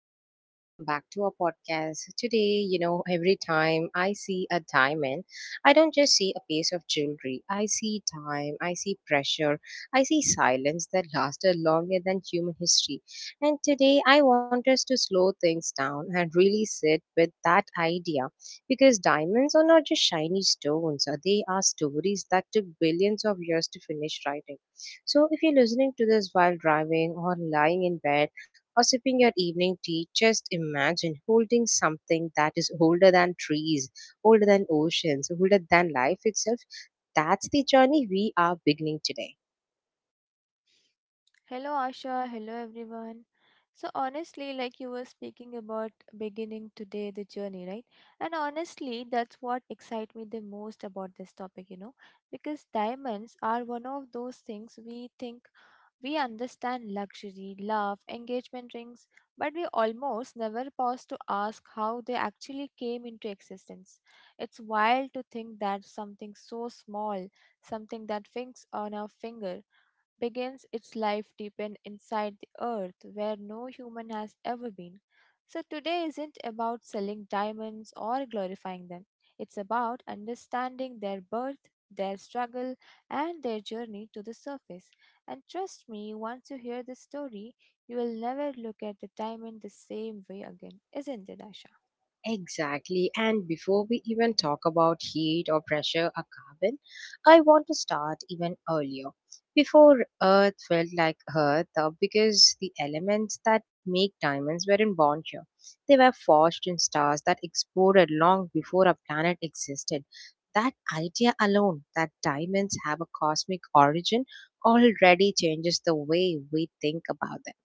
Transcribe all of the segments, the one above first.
and welcome back to our podcast. Today, you know, every time I see a diamond, I don't just see a piece of jewelry. I see time, I see pressure, I see silence that lasted longer than human history. And today, I want us to slow things down and really sit with that idea because diamonds are not just shiny stones, they are stories that took billions of years to finish writing. So, if you're listening to this while driving or lying in bed, or sipping your evening tea, just imagine holding something that is older than trees, older than oceans, older than life itself. That's the journey we are beginning today. Hello, Asha. Hello, everyone. So, honestly, like you were speaking about beginning today the journey, right? And honestly, that's what excites me the most about this topic, you know, because diamonds are one of those things we think we understand luxury, love, engagement rings, but we almost never pause to ask how they actually came into existence. It's wild to think that something so small, something that fits on our finger, begins its life deep in inside the earth where no human has ever been. So today isn't about selling diamonds or glorifying them. It's about understanding their birth, their struggle, and their journey to the surface. And trust me, once you hear this story, you will never look at the diamond the same way again, isn't it, Asha? Exactly. And before we even talk about heat or pressure or carbon, I want to start even earlier. Before Earth felt like Earth, because the elements that make diamonds weren't born here. They were forged in stars that exploded long before a planet existed. That idea alone, that diamonds have a cosmic origin, already changes the way we think about them.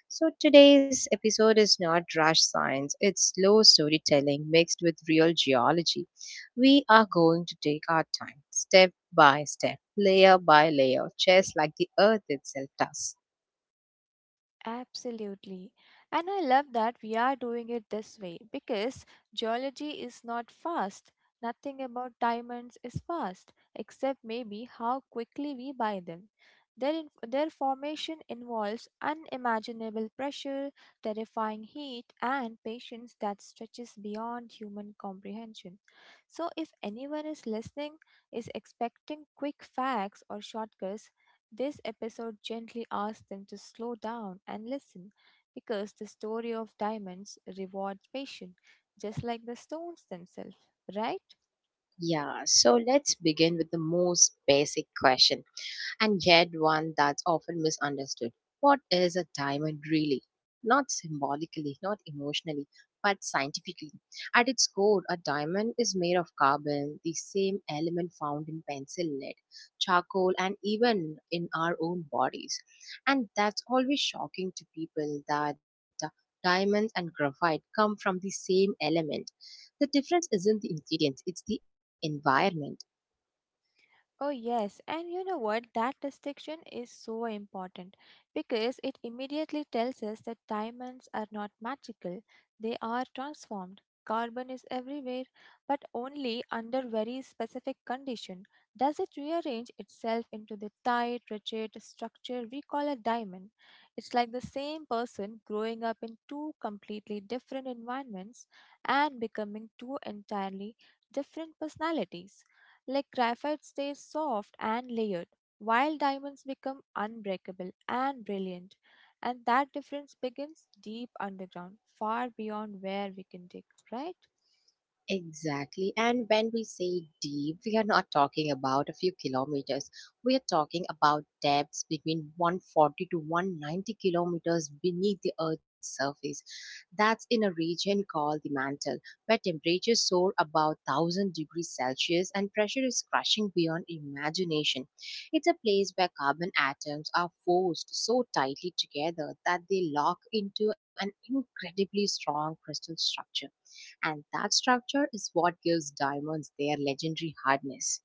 So today's episode is not rash science, it's slow storytelling mixed with real geology. We are going to take our time, step by step, layer by layer, just like the earth itself does. Absolutely. And I love that we are doing it this way because geology is not fast. Nothing about diamonds is fast, except maybe how quickly we buy them. Their formation involves unimaginable pressure, terrifying heat, and patience that stretches beyond human comprehension. So, if anyone is listening, is expecting quick facts or shortcuts, this episode gently asks them to slow down and listen because the story of diamonds rewards patience just like the stones themselves, right? Yeah, so let's begin with the most basic question. And yet, one that's often misunderstood. What is a diamond really? Not symbolically, not emotionally, but scientifically. At its core, a diamond is made of carbon, the same element found in pencil lead, charcoal, and even in our own bodies. And that's always shocking to people that diamonds and graphite come from the same element. The difference isn't the ingredients, it's the environment. Oh, yes. And you know what? That distinction is so important because it immediately tells us that diamonds are not magical, they are transformed. Carbon is everywhere, but only under very specific condition does it rearrange itself into the tight, rigid structure we call a diamond. It's like the same person growing up in two completely different environments and becoming two entirely different personalities. Like graphite stays soft and layered, while diamonds become unbreakable and brilliant. And that difference begins deep underground, far beyond where we can dig, right? Exactly. And when we say deep, we are not talking about a few kilometers. We are talking about depths between 140 to 190 kilometers beneath the Earth's surface. That's in a region called the mantle, where temperatures soar above 1000 degrees Celsius and pressure is crushing beyond imagination. It's a place where carbon atoms are forced so tightly together that they lock into an incredibly strong crystal structure, and that structure is what gives diamonds their legendary hardness.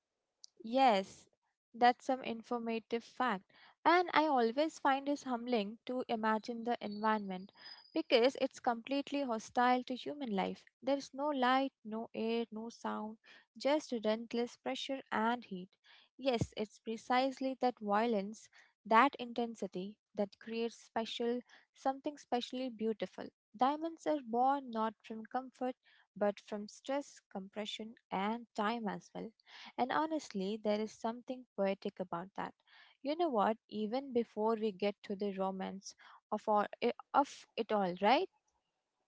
Yes, that's some informative fact. And I always find it humbling to imagine the environment because it's completely hostile to human life. There's no light, no air, no sound, just relentless pressure and heat. Yes, it's precisely that violence, that intensity that creates special something specially beautiful. Diamonds are born not from comfort but from stress, compression and time as well. And honestly, there is something poetic about that. You know what? Even before we get to the romance of it all, right?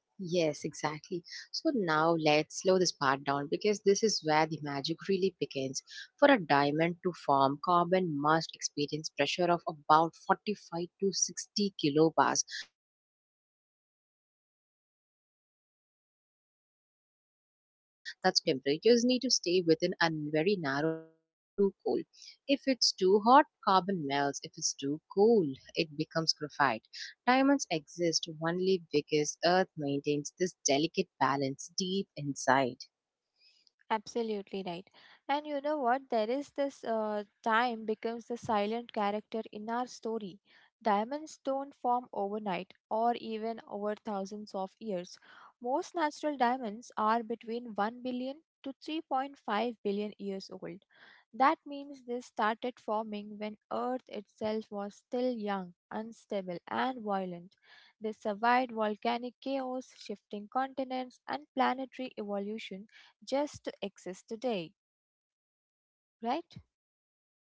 Yes, exactly. So now let's slow this part down because this is where the magic really begins. For a diamond to form, carbon must experience pressure of about 45 to 60 kilobars. That's over 50 times atmospheric pressure. At the same time, temperatures need to stay within a very narrow window, not too hot, not too cold. If it's too hot, carbon melts. If it's too cool, it becomes graphite. Diamonds exist only because Earth maintains this delicate balance deep inside. Absolutely right. And you know what? There is this time becomes the silent character in our story. Diamonds don't form overnight or even over thousands of years. Most natural diamonds are between 1 billion to 3.5 billion years old. That means they started forming when Earth itself was still young, unstable, and violent. They survived volcanic chaos, shifting continents, and planetary evolution just to exist today, right?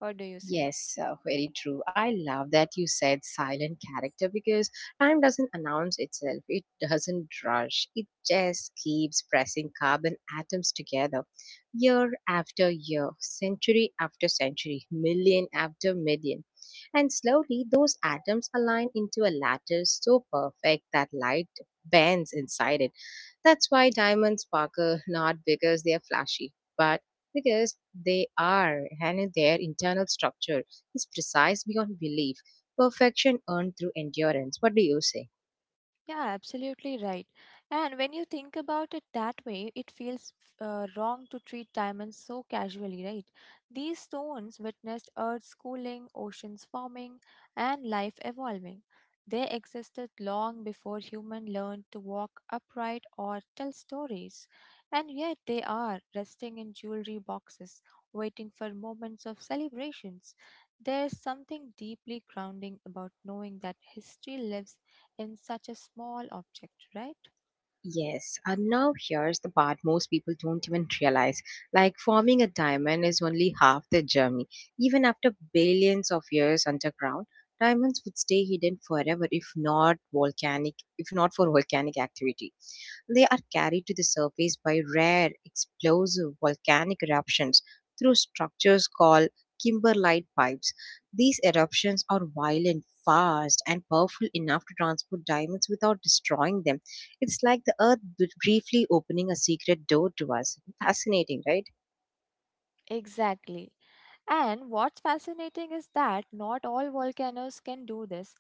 What do you say? Yes, very true. I love that you said silent character because time doesn't announce itself. It doesn't rush. It just keeps pressing carbon atoms together year after year, century after century, million after million. And slowly, those atoms align into a lattice so perfect that light bends inside it. That's why diamonds sparkle, not because they are flashy, but because they are, and their internal structure is precise beyond belief, perfection earned through endurance. What do you say? Yeah, absolutely right. And when you think about it that way, it feels wrong to treat diamonds so casually, right? These stones witnessed Earth's cooling, oceans forming, and life evolving. They existed long before human learned to walk upright or tell stories. And yet they are resting in jewelry boxes, waiting for moments of celebrations. There's something deeply grounding about knowing that history lives in such a small object, right? Yes, and now here's the part most people don't even realize. Like forming a diamond is only half the journey. Even after billions of years underground, diamonds would stay hidden forever if not for volcanic activity. They are carried to the surface by rare explosive volcanic eruptions through structures called kimberlite pipes. These eruptions are violent, fast, and powerful enough to transport diamonds without destroying them. It's like the earth briefly opening a secret door to us. Fascinating, right? Exactly. And what's fascinating is that not all volcanoes can do this.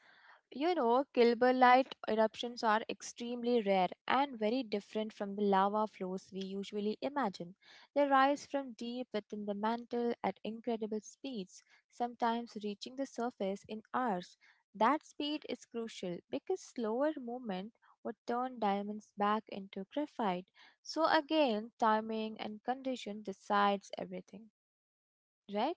You know, Kilburlite eruptions are extremely rare and very different from the lava flows we usually imagine. They rise from deep within the mantle at incredible speeds, sometimes reaching the surface in hours. That speed is crucial because slower movement would turn diamonds back into graphite. So again, timing and condition decides everything, right?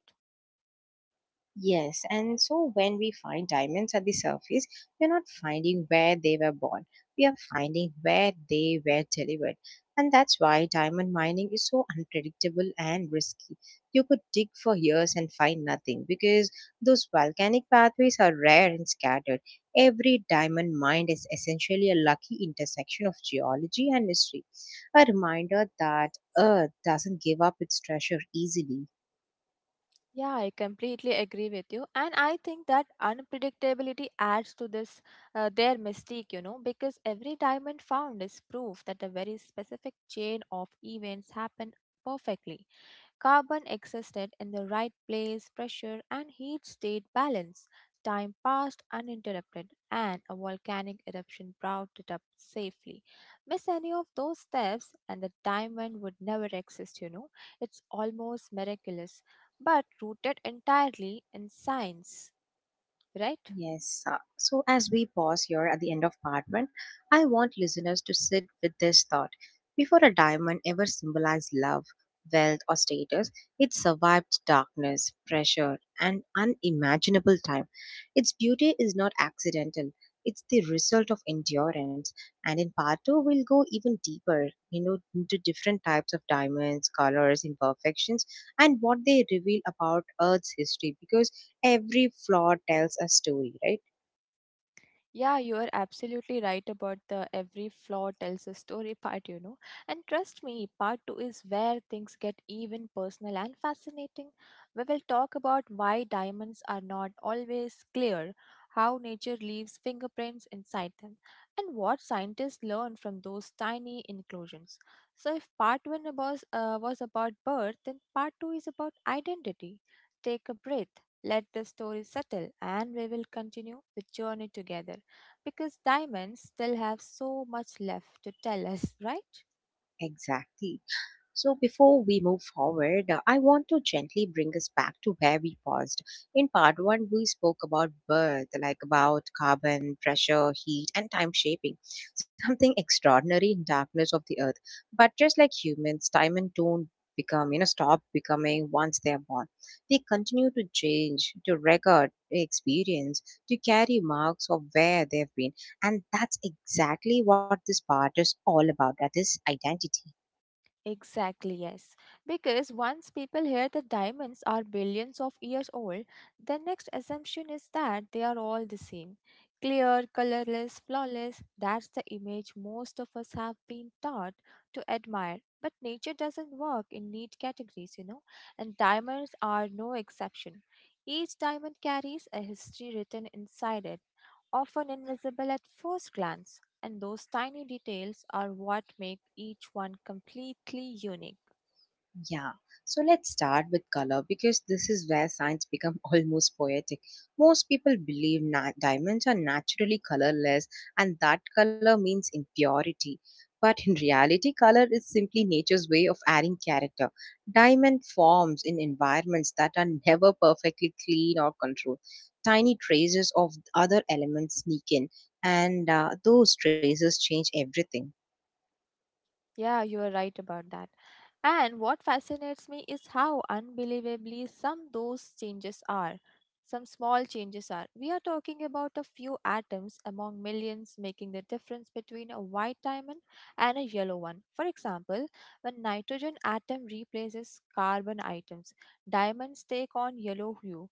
Yes, and so when we find diamonds at the surface, we're not finding where they were born. We are finding where they were delivered. And that's why diamond mining is so unpredictable and risky. You could dig for years and find nothing because those volcanic pathways are rare and scattered. Every diamond mine is essentially a lucky intersection of geology and history, a reminder that Earth doesn't give up its treasure easily. Yeah, I completely agree with you, and I think that unpredictability adds to this their mystique, you know, because every diamond found is proof that a very specific chain of events happened perfectly. Carbon existed in the right place, pressure and heat stayed balanced. Time passed uninterrupted, and a volcanic eruption brought it up safely. Miss any of those steps, and the diamond would never exist, you know. It's almost miraculous, but rooted entirely in science, right? Yes. So, as we pause here at the end of part one, I want listeners to sit with this thought. Before a diamond ever symbolized love, wealth, or status, it survived darkness, pressure, and unimaginable time. Its beauty is not accidental, it's the result of endurance. And in part two, we'll go even deeper, you know, into different types of diamonds, colors, imperfections, and what they reveal about Earth's history. Because every flaw tells a story, right? Yeah, you are absolutely right about the every flaw tells a story part, you know. And trust me, part two is where things get even personal and fascinating. We will talk about why diamonds are not always clear, how nature leaves fingerprints inside them, and what scientists learn from those tiny inclusions. So, if part one was about birth, then part two is about identity. Take a breath. Let the story settle, and we will continue the journey together because diamonds still have so much left to tell us, right? Exactly. So, before we move forward, I want to gently bring us back to where we paused. In part one, we spoke about birth, like about carbon, pressure, heat, and time shaping, something extraordinary in darkness of the earth. But just like humans, time and don't become, you know, stop becoming once they are born. They continue to change, to record experience, to carry marks of where they've been. And that's exactly what this part is all about, that is, identity. Exactly, yes. Because once people hear that diamonds are billions of years old, the next assumption is that they are all the same clear, colorless, flawless. That's the image most of us have been taught to admire. But nature doesn't work in neat categories, you know, and diamonds are no exception. Each diamond carries a history written inside it, often invisible at first glance and those tiny details are what make each one completely unique. Yeah. So let's start with color because this is where science become almost poetic. Most people believe diamonds are naturally colorless and that color means impurity. But in reality, color is simply nature's way of adding character. Diamond forms in environments that are never perfectly clean or controlled. Tiny traces of other elements sneak in, and those traces change everything. Yeah, you are right about that. And what fascinates me is how unbelievably some those changes are. Some small changes are. We are talking about a few atoms among millions making the difference between a white diamond and a yellow one. For example, when nitrogen atom replaces carbon atoms, diamonds take on yellow hue,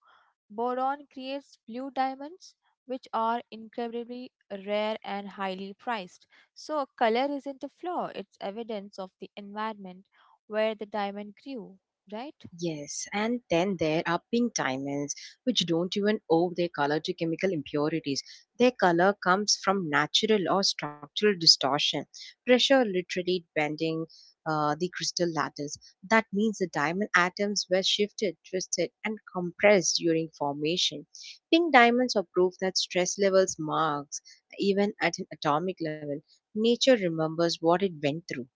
Boron creates blue diamonds, which are incredibly rare and highly priced. So, color isn't a flaw, it's evidence of the environment where the diamond grew, right? Yes, and then there are pink diamonds, which don't even owe their color to chemical impurities. Their color comes from natural or structural distortion, pressure literally bending the crystal lattice. That means the diamond atoms were shifted, twisted, and compressed during formation. Pink diamonds are proof that stress levels marks, even at an atomic level. Nature remembers what it went through.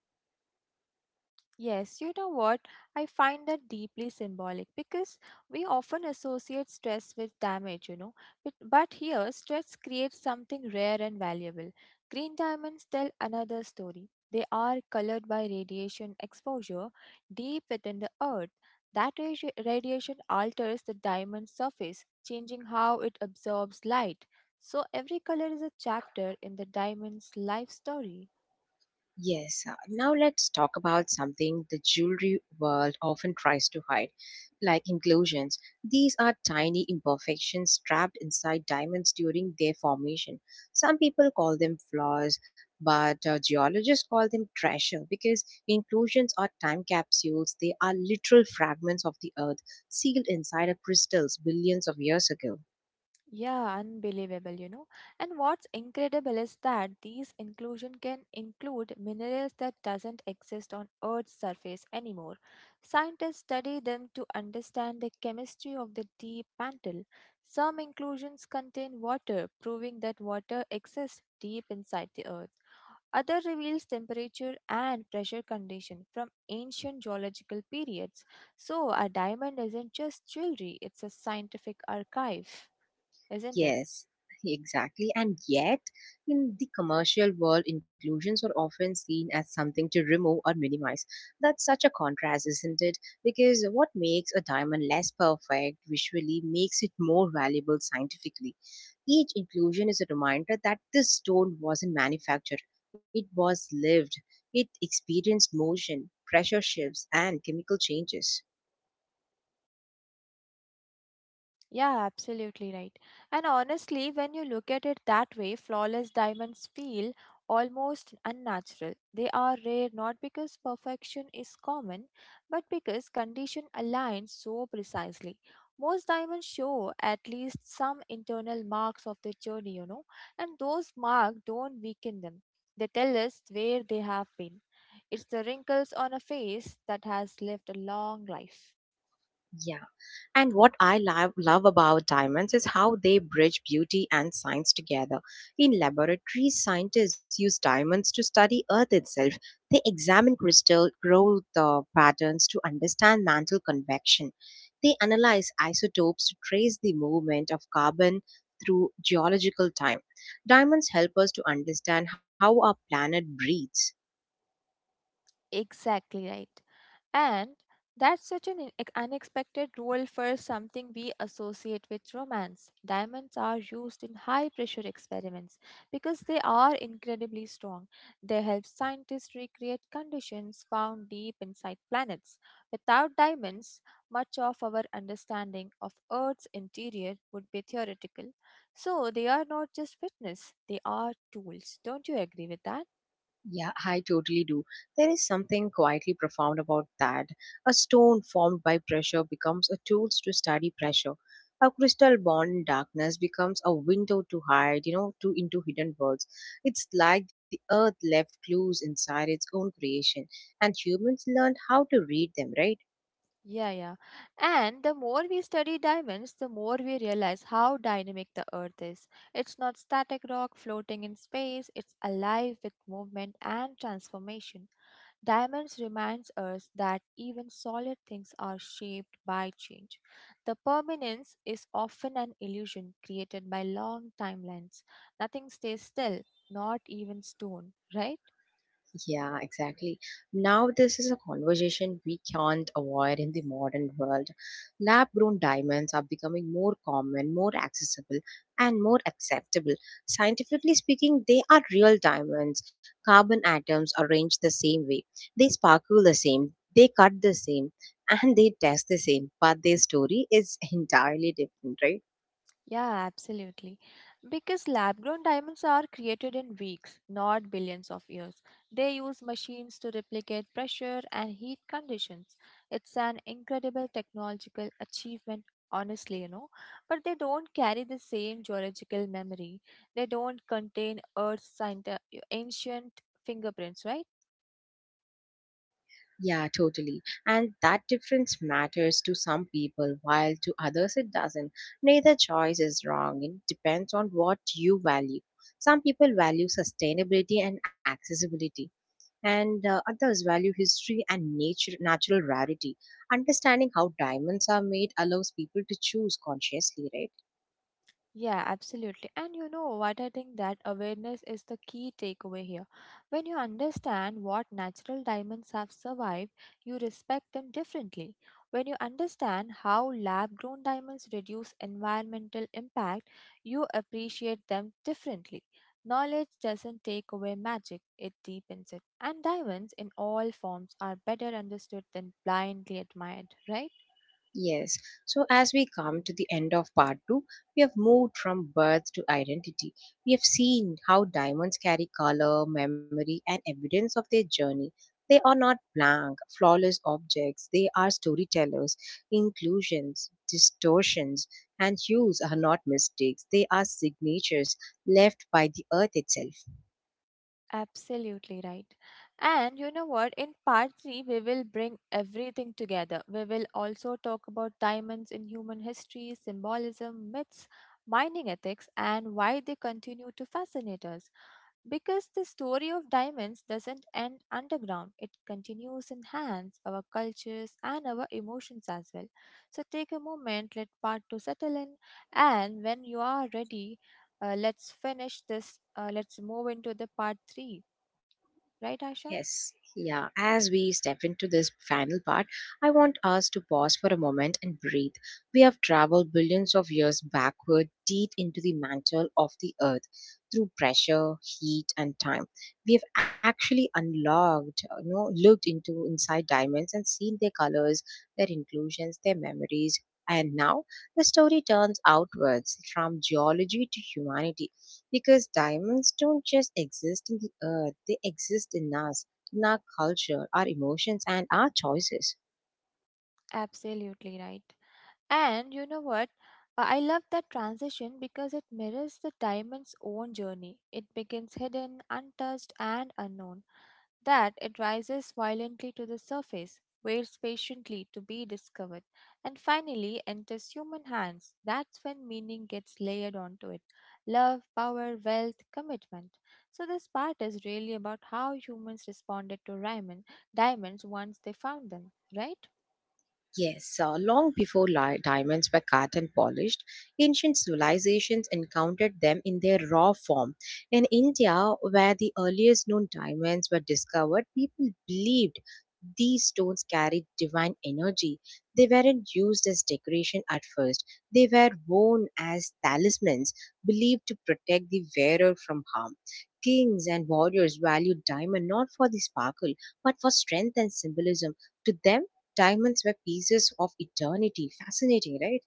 Yes, you know what? I find that deeply symbolic because we often associate stress with damage, you know. But here, stress creates something rare and valuable. Green diamonds tell another story. They are colored by radiation exposure deep within the earth. That radiation alters the diamond surface, changing how it absorbs light. So, every color is a chapter in the diamond's life story. Yes, now let's talk about something the jewelry world often tries to hide, like inclusions. These are tiny imperfections trapped inside diamonds during their formation. Some people call them flaws, but geologists call them treasure because inclusions are time capsules. They are literal fragments of the earth sealed inside of crystals billions of years ago. Yeah, unbelievable, you know. And what's incredible is that these inclusion can include minerals that doesn't exist on Earth's surface anymore. Scientists study them to understand the chemistry of the deep mantle. Some inclusions contain water, proving that water exists deep inside the Earth. Other reveals temperature and pressure condition from ancient geological periods. So a diamond isn't just jewelry, it's a scientific archive, isn't it? Yes, exactly. And yet, in the commercial world, inclusions are often seen as something to remove or minimize. That's such a contrast, isn't it? Because what makes a diamond less perfect visually makes it more valuable scientifically. Each inclusion is a reminder that this stone wasn't manufactured, it was lived, it experienced motion, pressure shifts, and chemical changes. Yeah, absolutely right. And honestly, when you look at it that way, flawless diamonds feel almost unnatural. They are rare not because perfection is common, but because condition aligns so precisely. Most diamonds show at least some internal marks of the journey, you know, and those marks don't weaken them. They tell us where they have been. It's the wrinkles on a face that has lived a long life. Yeah. And what I love, love about diamonds is how they bridge beauty and science together. In laboratories, scientists use diamonds to study Earth itself. They examine crystal growth patterns to understand mantle convection. They analyze isotopes to trace the movement of carbon through geological time. Diamonds help us to understand how our planet breathes. Exactly right. And that's such an unexpected role for something we associate with romance. Diamonds are used in high pressure experiments because they are incredibly strong. They help scientists recreate conditions found deep inside planets. Without diamonds, much of our understanding of Earth's interior would be theoretical. So they are not just fitness, they are tools. Don't you agree with that? Yeah, I totally do. There is something quietly profound about that. A stone formed by pressure becomes a tool to study pressure. A crystal born in darkness becomes a window to into hidden worlds. It's like the earth left clues inside its own creation, and humans learned how to read them, right? Yeah. And the more we study diamonds, the more we realize how dynamic the Earth is. It's not static rock floating in space, it's alive with movement and transformation. Diamonds reminds us that even solid things are shaped by change. The permanence is often an illusion created by long timelines. Nothing stays still, not even stone, right? Yeah, exactly. Now, this is a conversation we can't avoid in the modern world. Lab grown diamonds are becoming more common, more accessible, and more acceptable. Scientifically speaking, they are real diamonds. Carbon atoms arranged the same way, they sparkle the same, they cut the same, and they test the same, but their story is entirely different, right? Yeah, absolutely. Because lab grown diamonds are created in weeks, not billions of years. They use machines to replicate pressure and heat conditions. It's an incredible technological achievement, honestly, you know. But they don't carry the same geological memory, they don't contain ancient fingerprints, right? Yeah, totally. And that difference matters to some people, while to others it doesn't. Neither choice is wrong. It depends on what you value. Some people value sustainability and accessibility, and others value history and nature, natural rarity. Understanding how diamonds are made allows people to choose consciously, right? Yeah, absolutely. And you know what? I think that awareness is the key takeaway here. When you understand what natural diamonds have survived, you respect them differently. When you understand how lab grown diamonds reduce environmental impact, you appreciate them differently. Knowledge doesn't take away magic, it deepens it. And diamonds in all forms are better understood than blindly admired, right? Yes. So as we come to the end of part two, we have moved from birth to identity. We have seen how diamonds carry color, memory, and evidence of their journey. They are not blank, flawless objects. They are storytellers. Inclusions, distortions, and hues are not mistakes. They are signatures left by the earth itself. Absolutely right. And you know what? In part three, we will bring everything together. We will also talk about diamonds in human history, symbolism, myths, mining ethics, and why they continue to fascinate us. Because the story of diamonds doesn't end underground, it continues in hands, our cultures, and our emotions as well. So take a moment, let part two settle in, and when you are ready, let's finish this. Let's move into the part three. Right, Asha? Yes. Yeah. As we step into this final part, I want us to pause for a moment and breathe. We have traveled billions of years backward, deep into the mantle of the earth, through pressure, heat, and time. We have actually looked into inside diamonds and seen their colors, their inclusions, their memories. And now the story turns outwards from geology to humanity because diamonds don't just exist in the earth, they exist in us, in our culture, our emotions, and our choices. Absolutely right. And you know what? I love that transition because it mirrors the diamond's own journey. It begins hidden, untouched, and unknown. That it rises violently to the surface, waits patiently to be discovered, and finally enters human hands. That's when meaning gets layered onto it love, power, wealth, commitment. So, this part is really about how humans responded to diamonds once they found them, right? Yes, long before diamonds were cut and polished, ancient civilizations encountered them in their raw form. In India, where the earliest known diamonds were discovered, people believed these stones carried divine energy. They weren't used as decoration at first, they were worn as talismans, believed to protect the wearer from harm. Kings and warriors valued diamond not for the sparkle, but for strength and symbolism. To them, diamonds were pieces of eternity. Fascinating, right?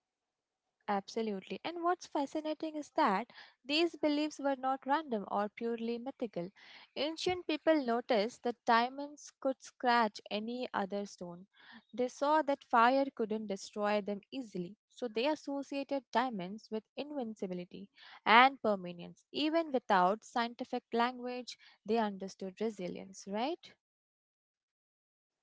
Absolutely. And what's fascinating is that these beliefs were not random or purely mythical. Ancient people noticed that diamonds could scratch any other stone. They saw that fire couldn't destroy them easily. So they associated diamonds with invincibility and permanence. Even without scientific language, they understood resilience, right?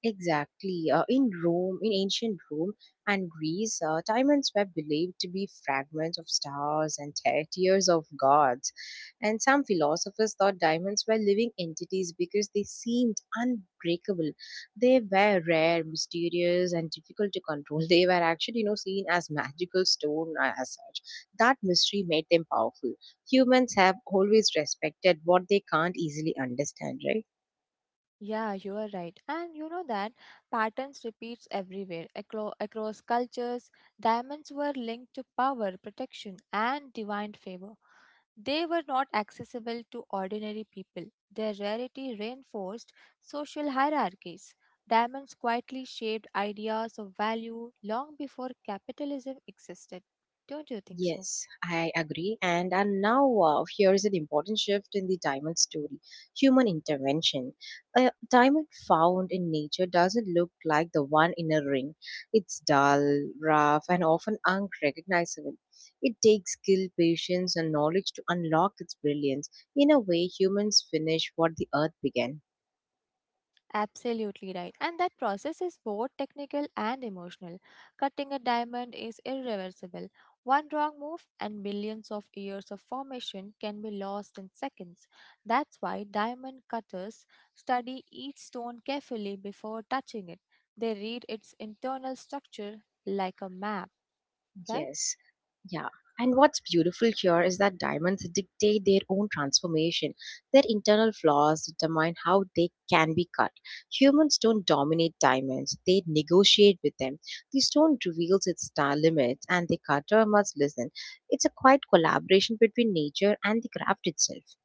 Exactly. In ancient Rome and Greece, diamonds were believed to be fragments of stars and tears of gods. And some philosophers thought diamonds were living entities because they seemed unbreakable. They were rare, mysterious, and difficult to control. They were actually, seen as magical stone as such. That mystery made them powerful. Humans have always respected what they can't easily understand, right? Yeah, you are right. And you know that patterns repeats everywhere across cultures. Diamonds were linked to power, protection, and divine favor. They were not accessible to ordinary people. Their rarity reinforced social hierarchies. Diamonds quietly shaped ideas of value long before capitalism existed. Don't you think so? Yes, I agree. And now, here is an important shift in the diamond story: human intervention. A diamond found in nature doesn't look like the one in a ring. It's dull, rough, and often unrecognizable. It takes skill, patience, and knowledge to unlock its brilliance. In a way, humans finish what the earth began. Absolutely right. And that process is both technical and emotional. Cutting a diamond is irreversible. One wrong move and millions of years of formation can be lost in seconds. That's why diamond cutters study each stone carefully before touching it. They read its internal structure like a map, right? Yes, yeah. And what's beautiful here is that diamonds dictate their own transformation. Their internal flaws determine how they can be cut. Humans don't dominate diamonds, they negotiate with them. The stone reveals its star limits, and the cutter must listen. It's a quiet collaboration between nature and the craft itself.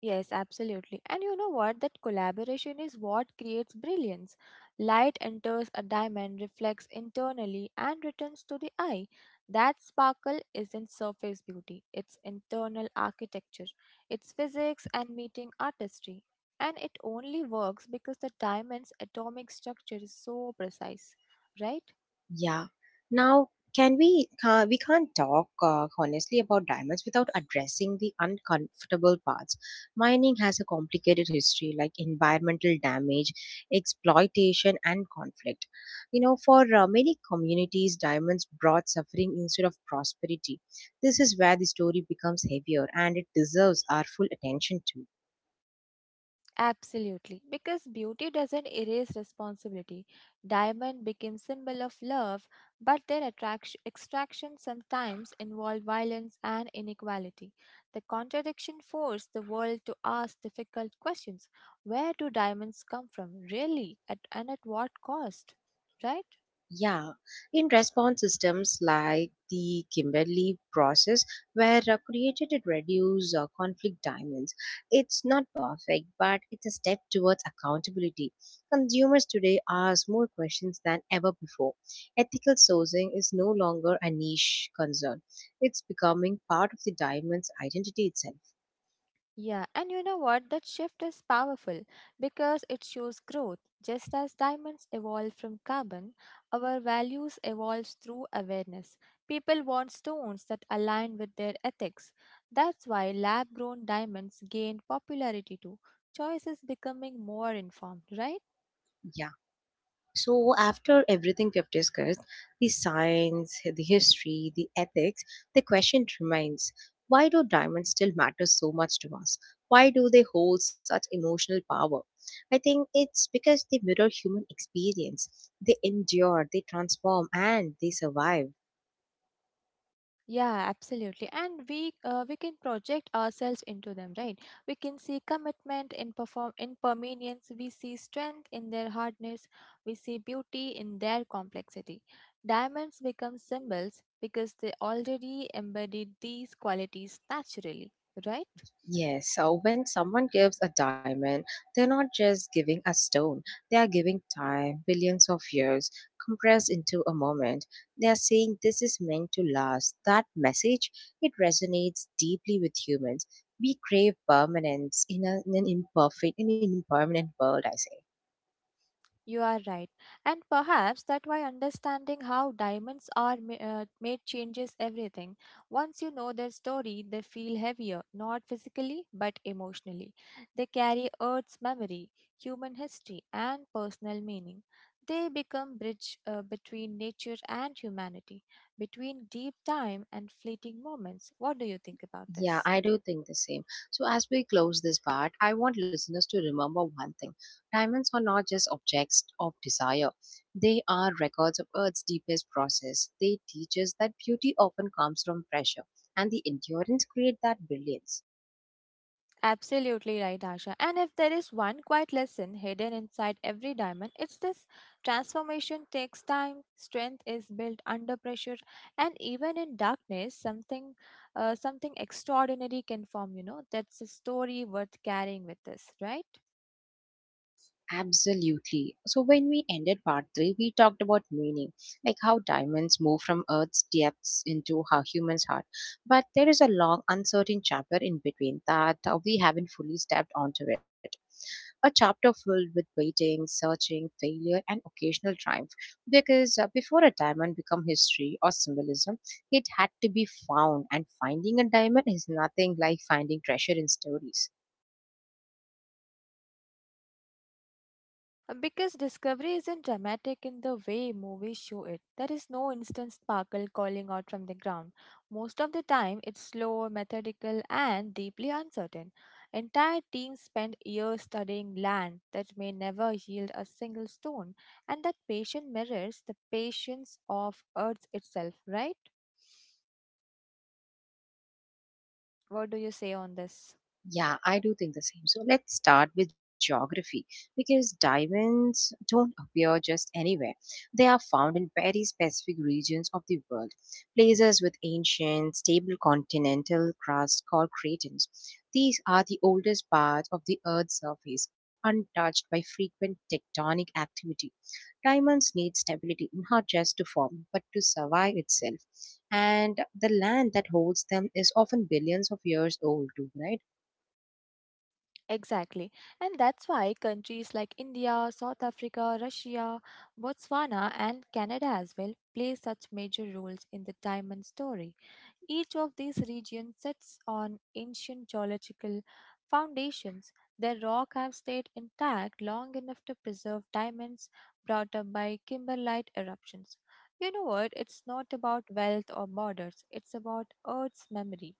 Yes, absolutely. And you know what? That collaboration is what creates brilliance. Light enters a diamond, reflects internally, and returns to the eye. That sparkle isn't surface beauty, it's internal architecture. It's physics and meeting artistry. And it only works because the diamond's atomic structure is so precise, right? Yeah. Now, can we can't talk honestly about diamonds without addressing the uncomfortable parts. Mining has a complicated history like environmental damage, exploitation and conflict. You know, for many communities diamonds brought suffering instead of prosperity. This is where the story becomes heavier and it deserves our full attention too. Absolutely, because beauty doesn't erase responsibility. Diamond became symbol of love, but their attraction, extraction sometimes involved violence and inequality. The contradiction forced the world to ask difficult questions: Where do diamonds come from, really, at what cost? Right? Yeah, in response systems like the Kimberley process were created to reduce conflict diamonds. It's not perfect, but it's a step towards accountability. Consumers today ask more questions than ever before. Ethical sourcing is no longer a niche concern. It's becoming part of the diamond's identity itself. Yeah, and you know what? That shift is powerful because it shows growth. Just as diamonds evolve from carbon, our values evolve through awareness. People want stones that align with their ethics. That's why lab grown diamonds gained popularity too. Choice is becoming more informed, right? Yeah. So, after everything we've discussed, the science, the history, the ethics, the question remains, why do diamonds still matter so much to us? Why do they hold such emotional power? I think it's because they mirror human experience. They endure, they transform, and they survive. Yeah, absolutely. And we can project ourselves into them, right? We can see commitment in permanence. We see strength in their hardness. We see beauty in their complexity. Diamonds become symbols because they already embodied these qualities naturally, right? Yes, so when someone gives a diamond, they're not just giving a stone, they are giving time, billions of years, compressed into a moment. They are saying this is meant to last. That message, it resonates deeply with humans. We crave permanence in, a, in an imperfect, in an impermanent world, I say. You are right. And perhaps that why understanding how diamonds are made changes everything. Once you know their story, they feel heavier, not physically, but emotionally. They carry Earth's memory, human history, and personal meaning. They become bridge between nature and humanity, between deep time and fleeting moments. What do you think about Yeah, this? I do think the same. So, as we close this part, I want listeners to remember one thing, diamonds are not just objects of desire, they are records of Earth's deepest process. They teach us that beauty often comes from pressure, and the endurance creates that brilliance. Absolutely right, Asha. And if there is one quiet lesson hidden inside every diamond, it's this transformation takes time, strength is built under pressure, and even in darkness, something extraordinary can form. That's a story worth carrying with us, right? Absolutely. So when we ended part three, we talked about meaning, like how diamonds move from Earth's depths into our human's heart. But there is a long, uncertain chapter in between that we haven't fully stepped onto it. A chapter filled with waiting, searching, failure, and occasional triumph. Because, before a diamond become history or symbolism, it had to be found, and finding a diamond is nothing like finding treasure in stories. Absolutely right. Because discovery isn't dramatic in the way movies show it. There is no instant sparkle calling out from the ground. Most of the time, it's slow, methodical, and deeply uncertain. Entire teams spend years studying land that may never yield a single stone, and that patience mirrors the patience of Earth itself, right? What do you say on this? Yeah, I do think the same. So let's start with geography because diamonds don't appear just anywhere. They are found in very specific regions of the world, places with ancient, stable continental crust called cratons. These are the oldest parts of the Earth's surface, untouched by frequent tectonic activity. Diamonds need stability not just to form but to survive itself. And the land that holds them is often billions of years old, too, right? Exactly. And that's why countries like India, South Africa, Russia, Botswana, and Canada as well play such major roles in the diamond story. Each of these regions sits on ancient geological foundations. Their rock have stayed intact long enough to preserve diamonds brought up by kimberlite eruptions. You know what? It's not about wealth or borders, it's about Earth's memory.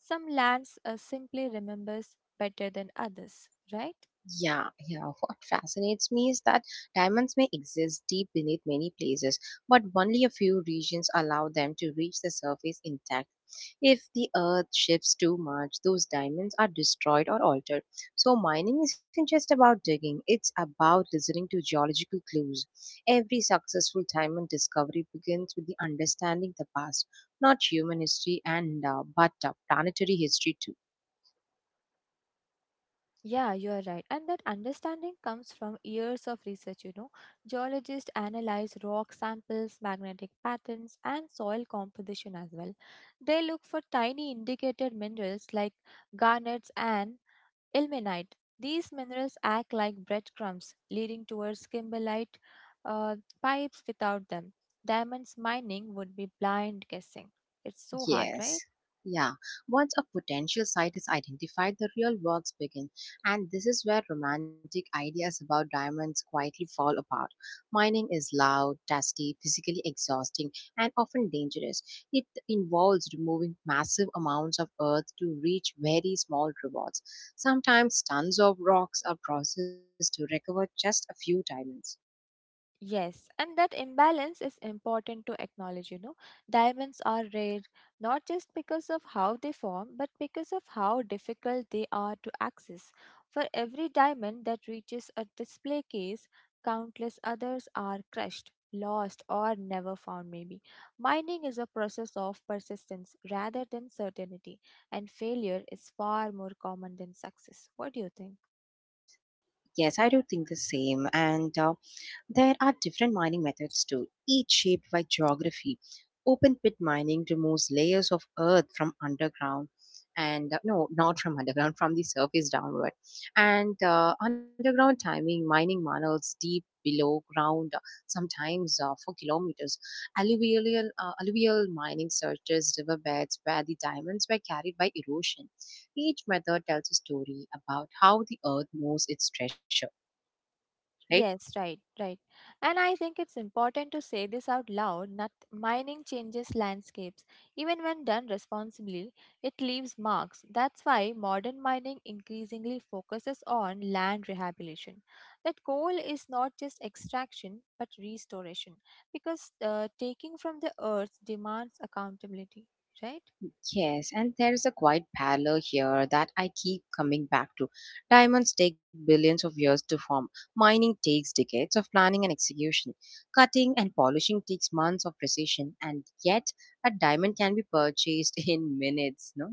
Some lands simply remembers better than others, right? Yeah, yeah. What fascinates me is that diamonds may exist deep beneath many places, but only a few regions allow them to reach the surface intact. If the earth shifts too much, those diamonds are destroyed or altered. So, mining isn't just about digging, it's about listening to geological clues. Every successful diamond discovery begins with the understanding the past, not human history and, but planetary history too. Yeah, you are right. And that understanding comes from years of research. Geologists analyze rock samples, magnetic patterns, and soil composition as well. They look for tiny indicator minerals like garnets and ilmenite. These minerals act like breadcrumbs, leading towards kimberlite uh, pipes without them. Diamonds mining would be blind guessing. It's so hard, right? Yes. Yeah. Once a potential site is identified, the real works begin. And this is where romantic ideas about diamonds quietly fall apart. Mining is loud, dusty, physically exhausting, and often dangerous. It involves removing massive amounts of earth to reach very small rewards. Sometimes tons of rocks are processed to recover just a few diamonds. Yes, and that imbalance is important to acknowledge. Diamonds are rare not just because of how they form, but because of how difficult they are to access. For every diamond that reaches a display case, countless others are crushed, lost, or never found, maybe. Mining is a process of persistence rather than certainty, and failure is far more common than success. What do you think? Yes, I do think the same. And there are different mining methods too, each shaped by geography. Open pit mining removes layers of earth from underground and, no, not from underground, from the surface downward. And underground timing mining tunnels deep below ground, sometimes for kilometers. Alluvial mining searches riverbeds where the diamonds were carried by erosion. Each method tells a story about how the earth knows its treasure, right? Yes, right, right. And I think it's important to say this out loud. Not mining changes landscapes. Even when done responsibly, it leaves marks. That's why modern mining increasingly focuses on land rehabilitation. That goal is not just extraction but restoration because taking from the earth demands accountability, right? Yes, and there is a quiet parallel here that I keep coming back to. Diamonds take billions of years to form. Mining takes decades of planning and execution. Cutting and polishing takes months of precision, and yet a diamond can be purchased in minutes, no?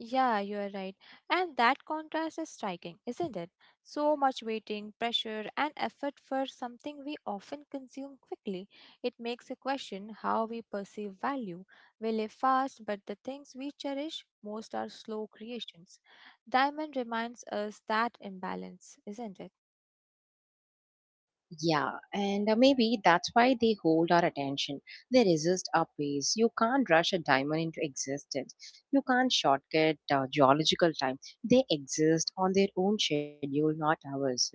Yeah, you are right. And that contrast is striking, isn't it? So much waiting, pressure, and effort for something we often consume quickly. It makes a question how we perceive value. We live fast, but the things we cherish most are slow creations. Diamond reminds us that imbalance, isn't it? Yeah, and maybe that's why they hold our attention. They resist our pace. You can't rush a diamond into existence. You can't shortcut geological time. They exist on their own schedule, not ours, right?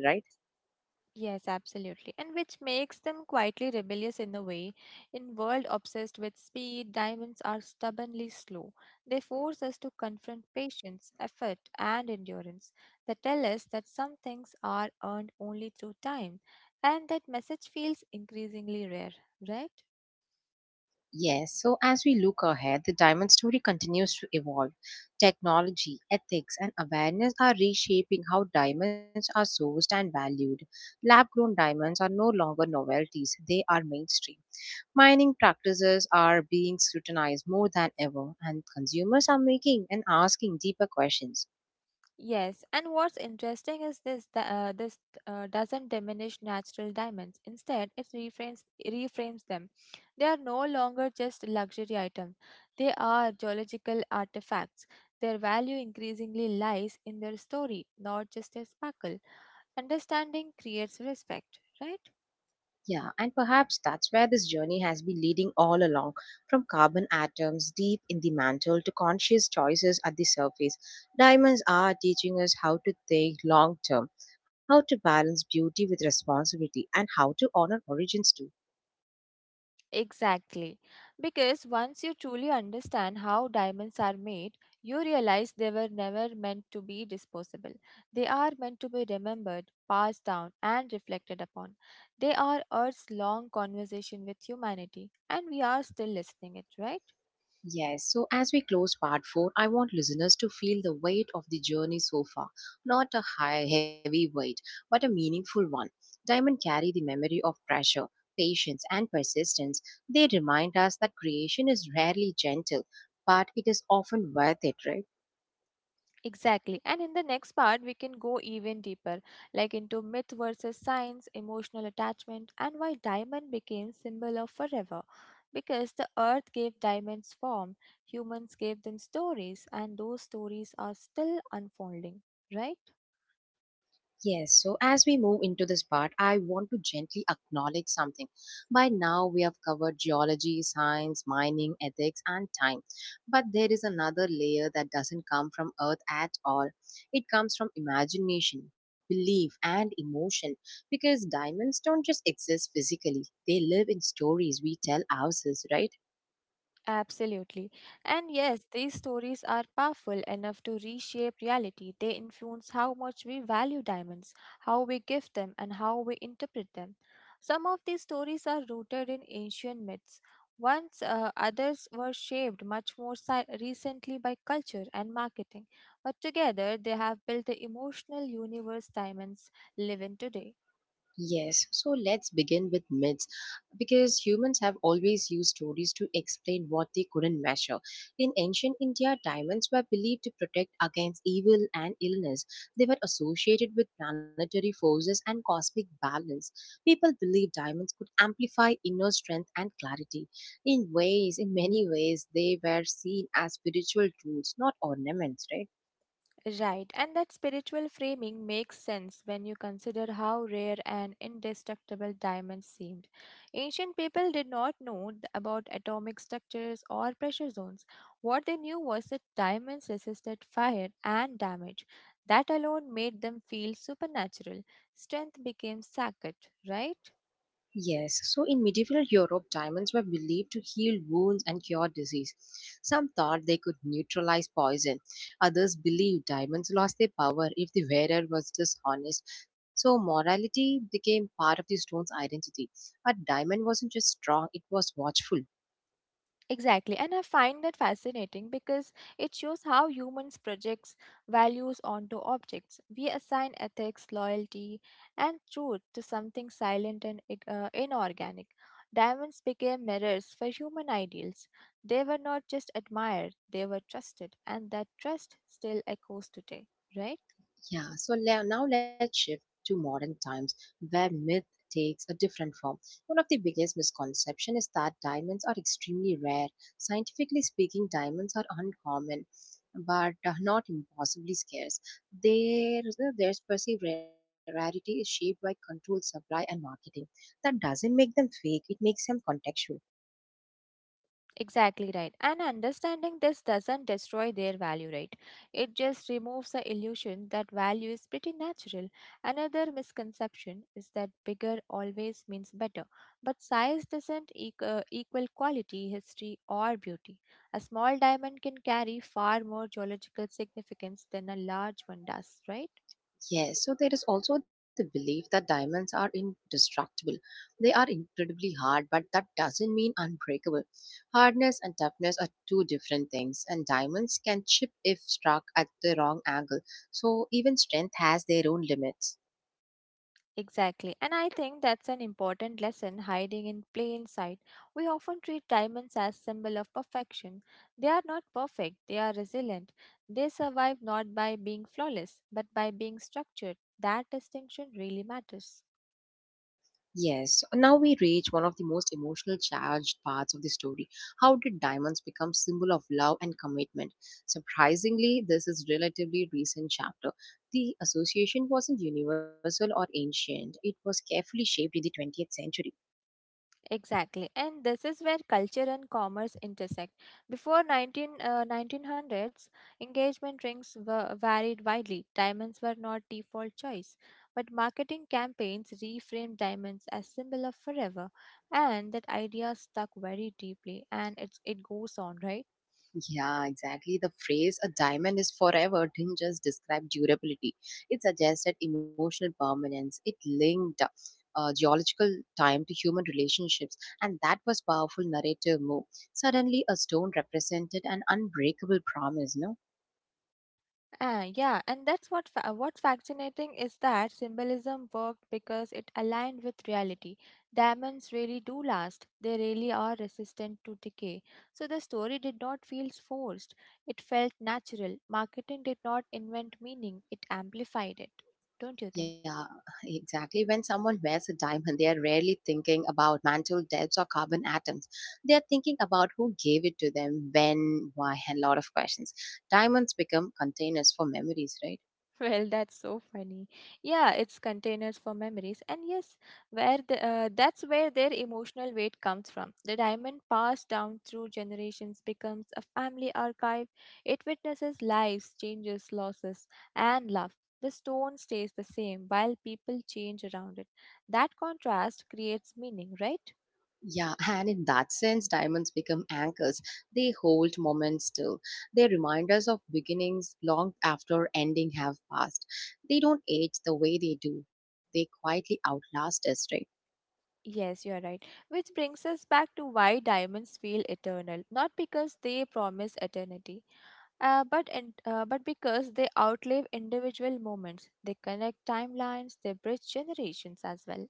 Yes, absolutely. And which makes them quietly rebellious in a way. In world obsessed with speed, diamonds are stubbornly slow. They force us to confront patience, effort, and endurance. They tell us that some things are earned only through time, and that message feels increasingly rare, right? Yes, so as we look ahead, the diamond story continues to evolve. Technology, ethics, and awareness are reshaping how diamonds are sourced and valued. Lab grown diamonds are no longer novelties, they are mainstream. Mining practices are being scrutinized more than ever, and consumers are making and asking deeper questions. Yes, and what's interesting is this that this doesn't diminish natural diamonds. Instead, it reframes them. They are no longer just luxury items. They are geological artifacts. Their value increasingly lies in their story, not just their sparkle. Understanding creates respect, right? Yeah, and perhaps that's where this journey has been leading all along, from carbon atoms deep in the mantle to conscious choices at the surface. Diamonds are teaching us how to think long term, how to balance beauty with responsibility, and how to honor origins too. Exactly. Because once you truly understand how diamonds are made, you realize they were never meant to be disposable. They are meant to be remembered, passed down, and reflected upon. They are Earth's long conversation with humanity, and we are still listening it, right? Yes, so as we close part 4, I want listeners to feel the weight of the journey so far. Not a high, heavy weight, but a meaningful one. Diamond carry the memory of pressure, patience, and persistence. They remind us that creation is rarely gentle, but it is often worth it, right? Exactly. And in the next part, we can go even deeper, like into myth versus science, emotional attachment, and why diamond became symbol of forever. Because the earth gave diamonds form, humans gave them stories, and those stories are still unfolding, right? Yes, so as we move into this part, I want to gently acknowledge something. By now, we have covered geology, science, mining, ethics, and time. But there is another layer that doesn't come from Earth at all. It comes from imagination, belief, and emotion. Because diamonds don't just exist physically, they live in stories we tell ourselves, right? Absolutely. And yes, these stories are powerful enough to reshape reality. They influence how much we value diamonds, how we give them, and how we interpret them. Some of these stories are rooted in ancient myths. Once others were shaped much more recently by culture and marketing, but together they have built the emotional universe diamonds live in today. Yes, so let's begin with myths because humans have always used stories to explain what they couldn't measure. In ancient India, diamonds were believed to protect against evil and illness. They were associated with planetary forces and cosmic balance. People believed diamonds could amplify inner strength and clarity. In many ways, they were seen as spiritual tools, not ornaments, right? Right, and that spiritual framing makes sense when you consider how rare and indestructible diamonds seemed. Ancient people did not know about atomic structures or pressure zones. What they knew was that diamonds resisted fire and damage. That alone made them feel supernatural. Strength became sacred, right? Yes, so in medieval Europe, diamonds were believed to heal wounds and cure disease. Some thought they could neutralize poison. Others believed diamonds lost their power if the wearer was dishonest. So morality became part of the stone's identity. A diamond wasn't just strong, it was watchful. Exactly. And I find that fascinating because it shows how humans projects values onto objects. We assign ethics, loyalty, and truth to something silent and inorganic. Diamonds became mirrors for human ideals. They were not just admired, they were trusted, and that trust still echoes today, right? Yeah, so now let's shift to modern times where myth takes a different form. One of the biggest misconceptions is that diamonds are extremely rare. Scientifically speaking, diamonds are uncommon but, not impossibly scarce. Their, their perceived rarity is shaped by controlled supply and marketing. That doesn't make them fake, it makes them contextual. Exactly right. And understanding this doesn't destroy their value, right? It just removes the illusion that value is pretty natural. Another misconception is that bigger always means better, but size doesn't equal quality, history, or beauty. A small diamond can carry far more geological significance than a large one does, right? Yes, so there is also the belief that diamonds are indestructible. They are incredibly hard, but that doesn't mean unbreakable. Hardness and toughness are two different things, and diamonds can chip if struck at the wrong angle. So even strength has their own limits. Exactly. And I think that's an important lesson hiding in plain sight. We often treat diamonds as symbol of perfection. They are not perfect, they are resilient. They survive not by being flawless, but by being structured. That distinction really matters. Yes, now we reach one of the most emotional charged parts of the story. How did diamonds become symbol of love and commitment? Surprisingly, this is relatively recent chapter. The association wasn't universal or ancient. It was carefully shaped in the 20th century. Exactly, and this is where culture and commerce intersect. Before 1900s, engagement rings were varied widely. Diamonds were not default choice, but marketing campaigns reframed diamonds as symbol of forever, and that idea stuck very deeply, and it's, it goes on, right? Yeah, exactly. The phrase a diamond is forever didn't just describe durability, it suggested emotional permanence. It linked geological time to human relationships, and that was powerful narrative move. Suddenly, a stone represented an unbreakable promise, no? Ah, yeah, and that's what's fascinating is that symbolism worked because it aligned with reality. Diamonds really do last; they really are resistant to decay. So the story did not feel forced; it felt natural. Marketing did not invent meaning; it amplified it. Don't you think? Yeah, exactly. When someone wears a diamond, they are rarely thinking about mantle depths or carbon atoms. They are thinking about who gave it to them, when, why, and a lot of questions. Diamonds become containers for memories, right? Well, that's so funny. Yeah, it's containers for memories. And yes, that's where their emotional weight comes from. The diamond passed down through generations becomes a family archive. It witnesses lives, changes, losses, and love. The stone stays the same while people change around it. That contrast creates meaning, right? Yeah, and in that sense, diamonds become anchors. They hold moments still. They remind us of beginnings long after ending have passed. They don't age the way they do. They quietly outlast us, right? Yes, you are right. Which brings us back to why diamonds feel eternal, not because they promise eternity but because they outlive individual moments, they connect timelines, they bridge generations as well.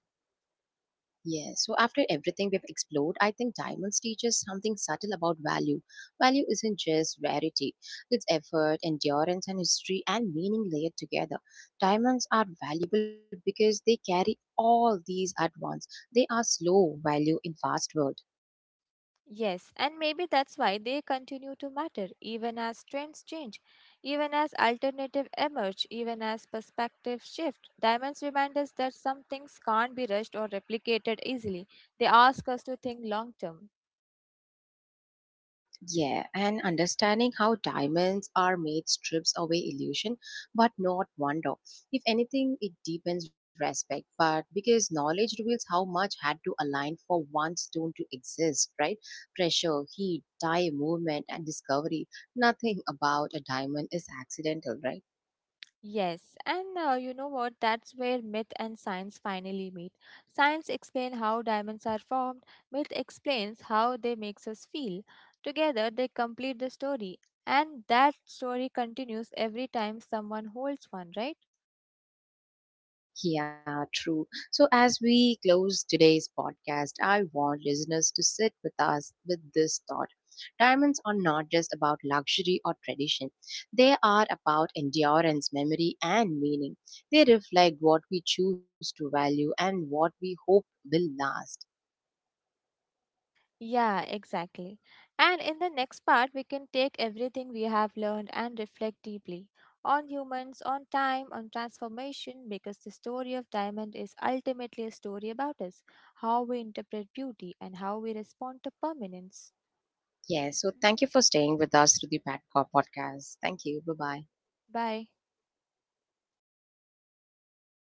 Yes, so after everything we've explored, I think diamonds teach us something subtle about value. Value isn't just rarity, it's effort, endurance, and history and meaning layered together. Diamonds are valuable because they carry all these at once. They are slow value in fast world. Yes, and maybe that's why they continue to matter even as trends change, even as alternative emerge, even as perspectives shift. Diamonds remind us that some things can't be rushed or replicated easily. They ask us to think long term. Yeah, and understanding how diamonds are made strips away illusion, but not wonder. If anything, it deepens respect, but because knowledge reveals how much had to align for one stone to exist, right? Pressure, heat, time, movement, and discovery. Nothing about a diamond is accidental, right? Yes, and you know what? That's where myth and science finally meet. Science explains how diamonds are formed, myth explains how they makes us feel. Together, they complete the story, and that story continues every time someone holds one, right? Yeah, true. So as we close today's podcast, I want listeners to sit with us with this thought. Diamonds are not just about luxury or tradition. They are about endurance, memory, and meaning. They reflect what we choose to value and what we hope will last. Yeah, exactly. And in the next part, we can take everything we have learned and reflect deeply on humans, on time, on transformation, because the story of Diamond is ultimately a story about us, how we interpret beauty, and how we respond to permanence. Yes, so thank you for staying with us through the Padcock podcast. Thank you. Bye bye. Bye.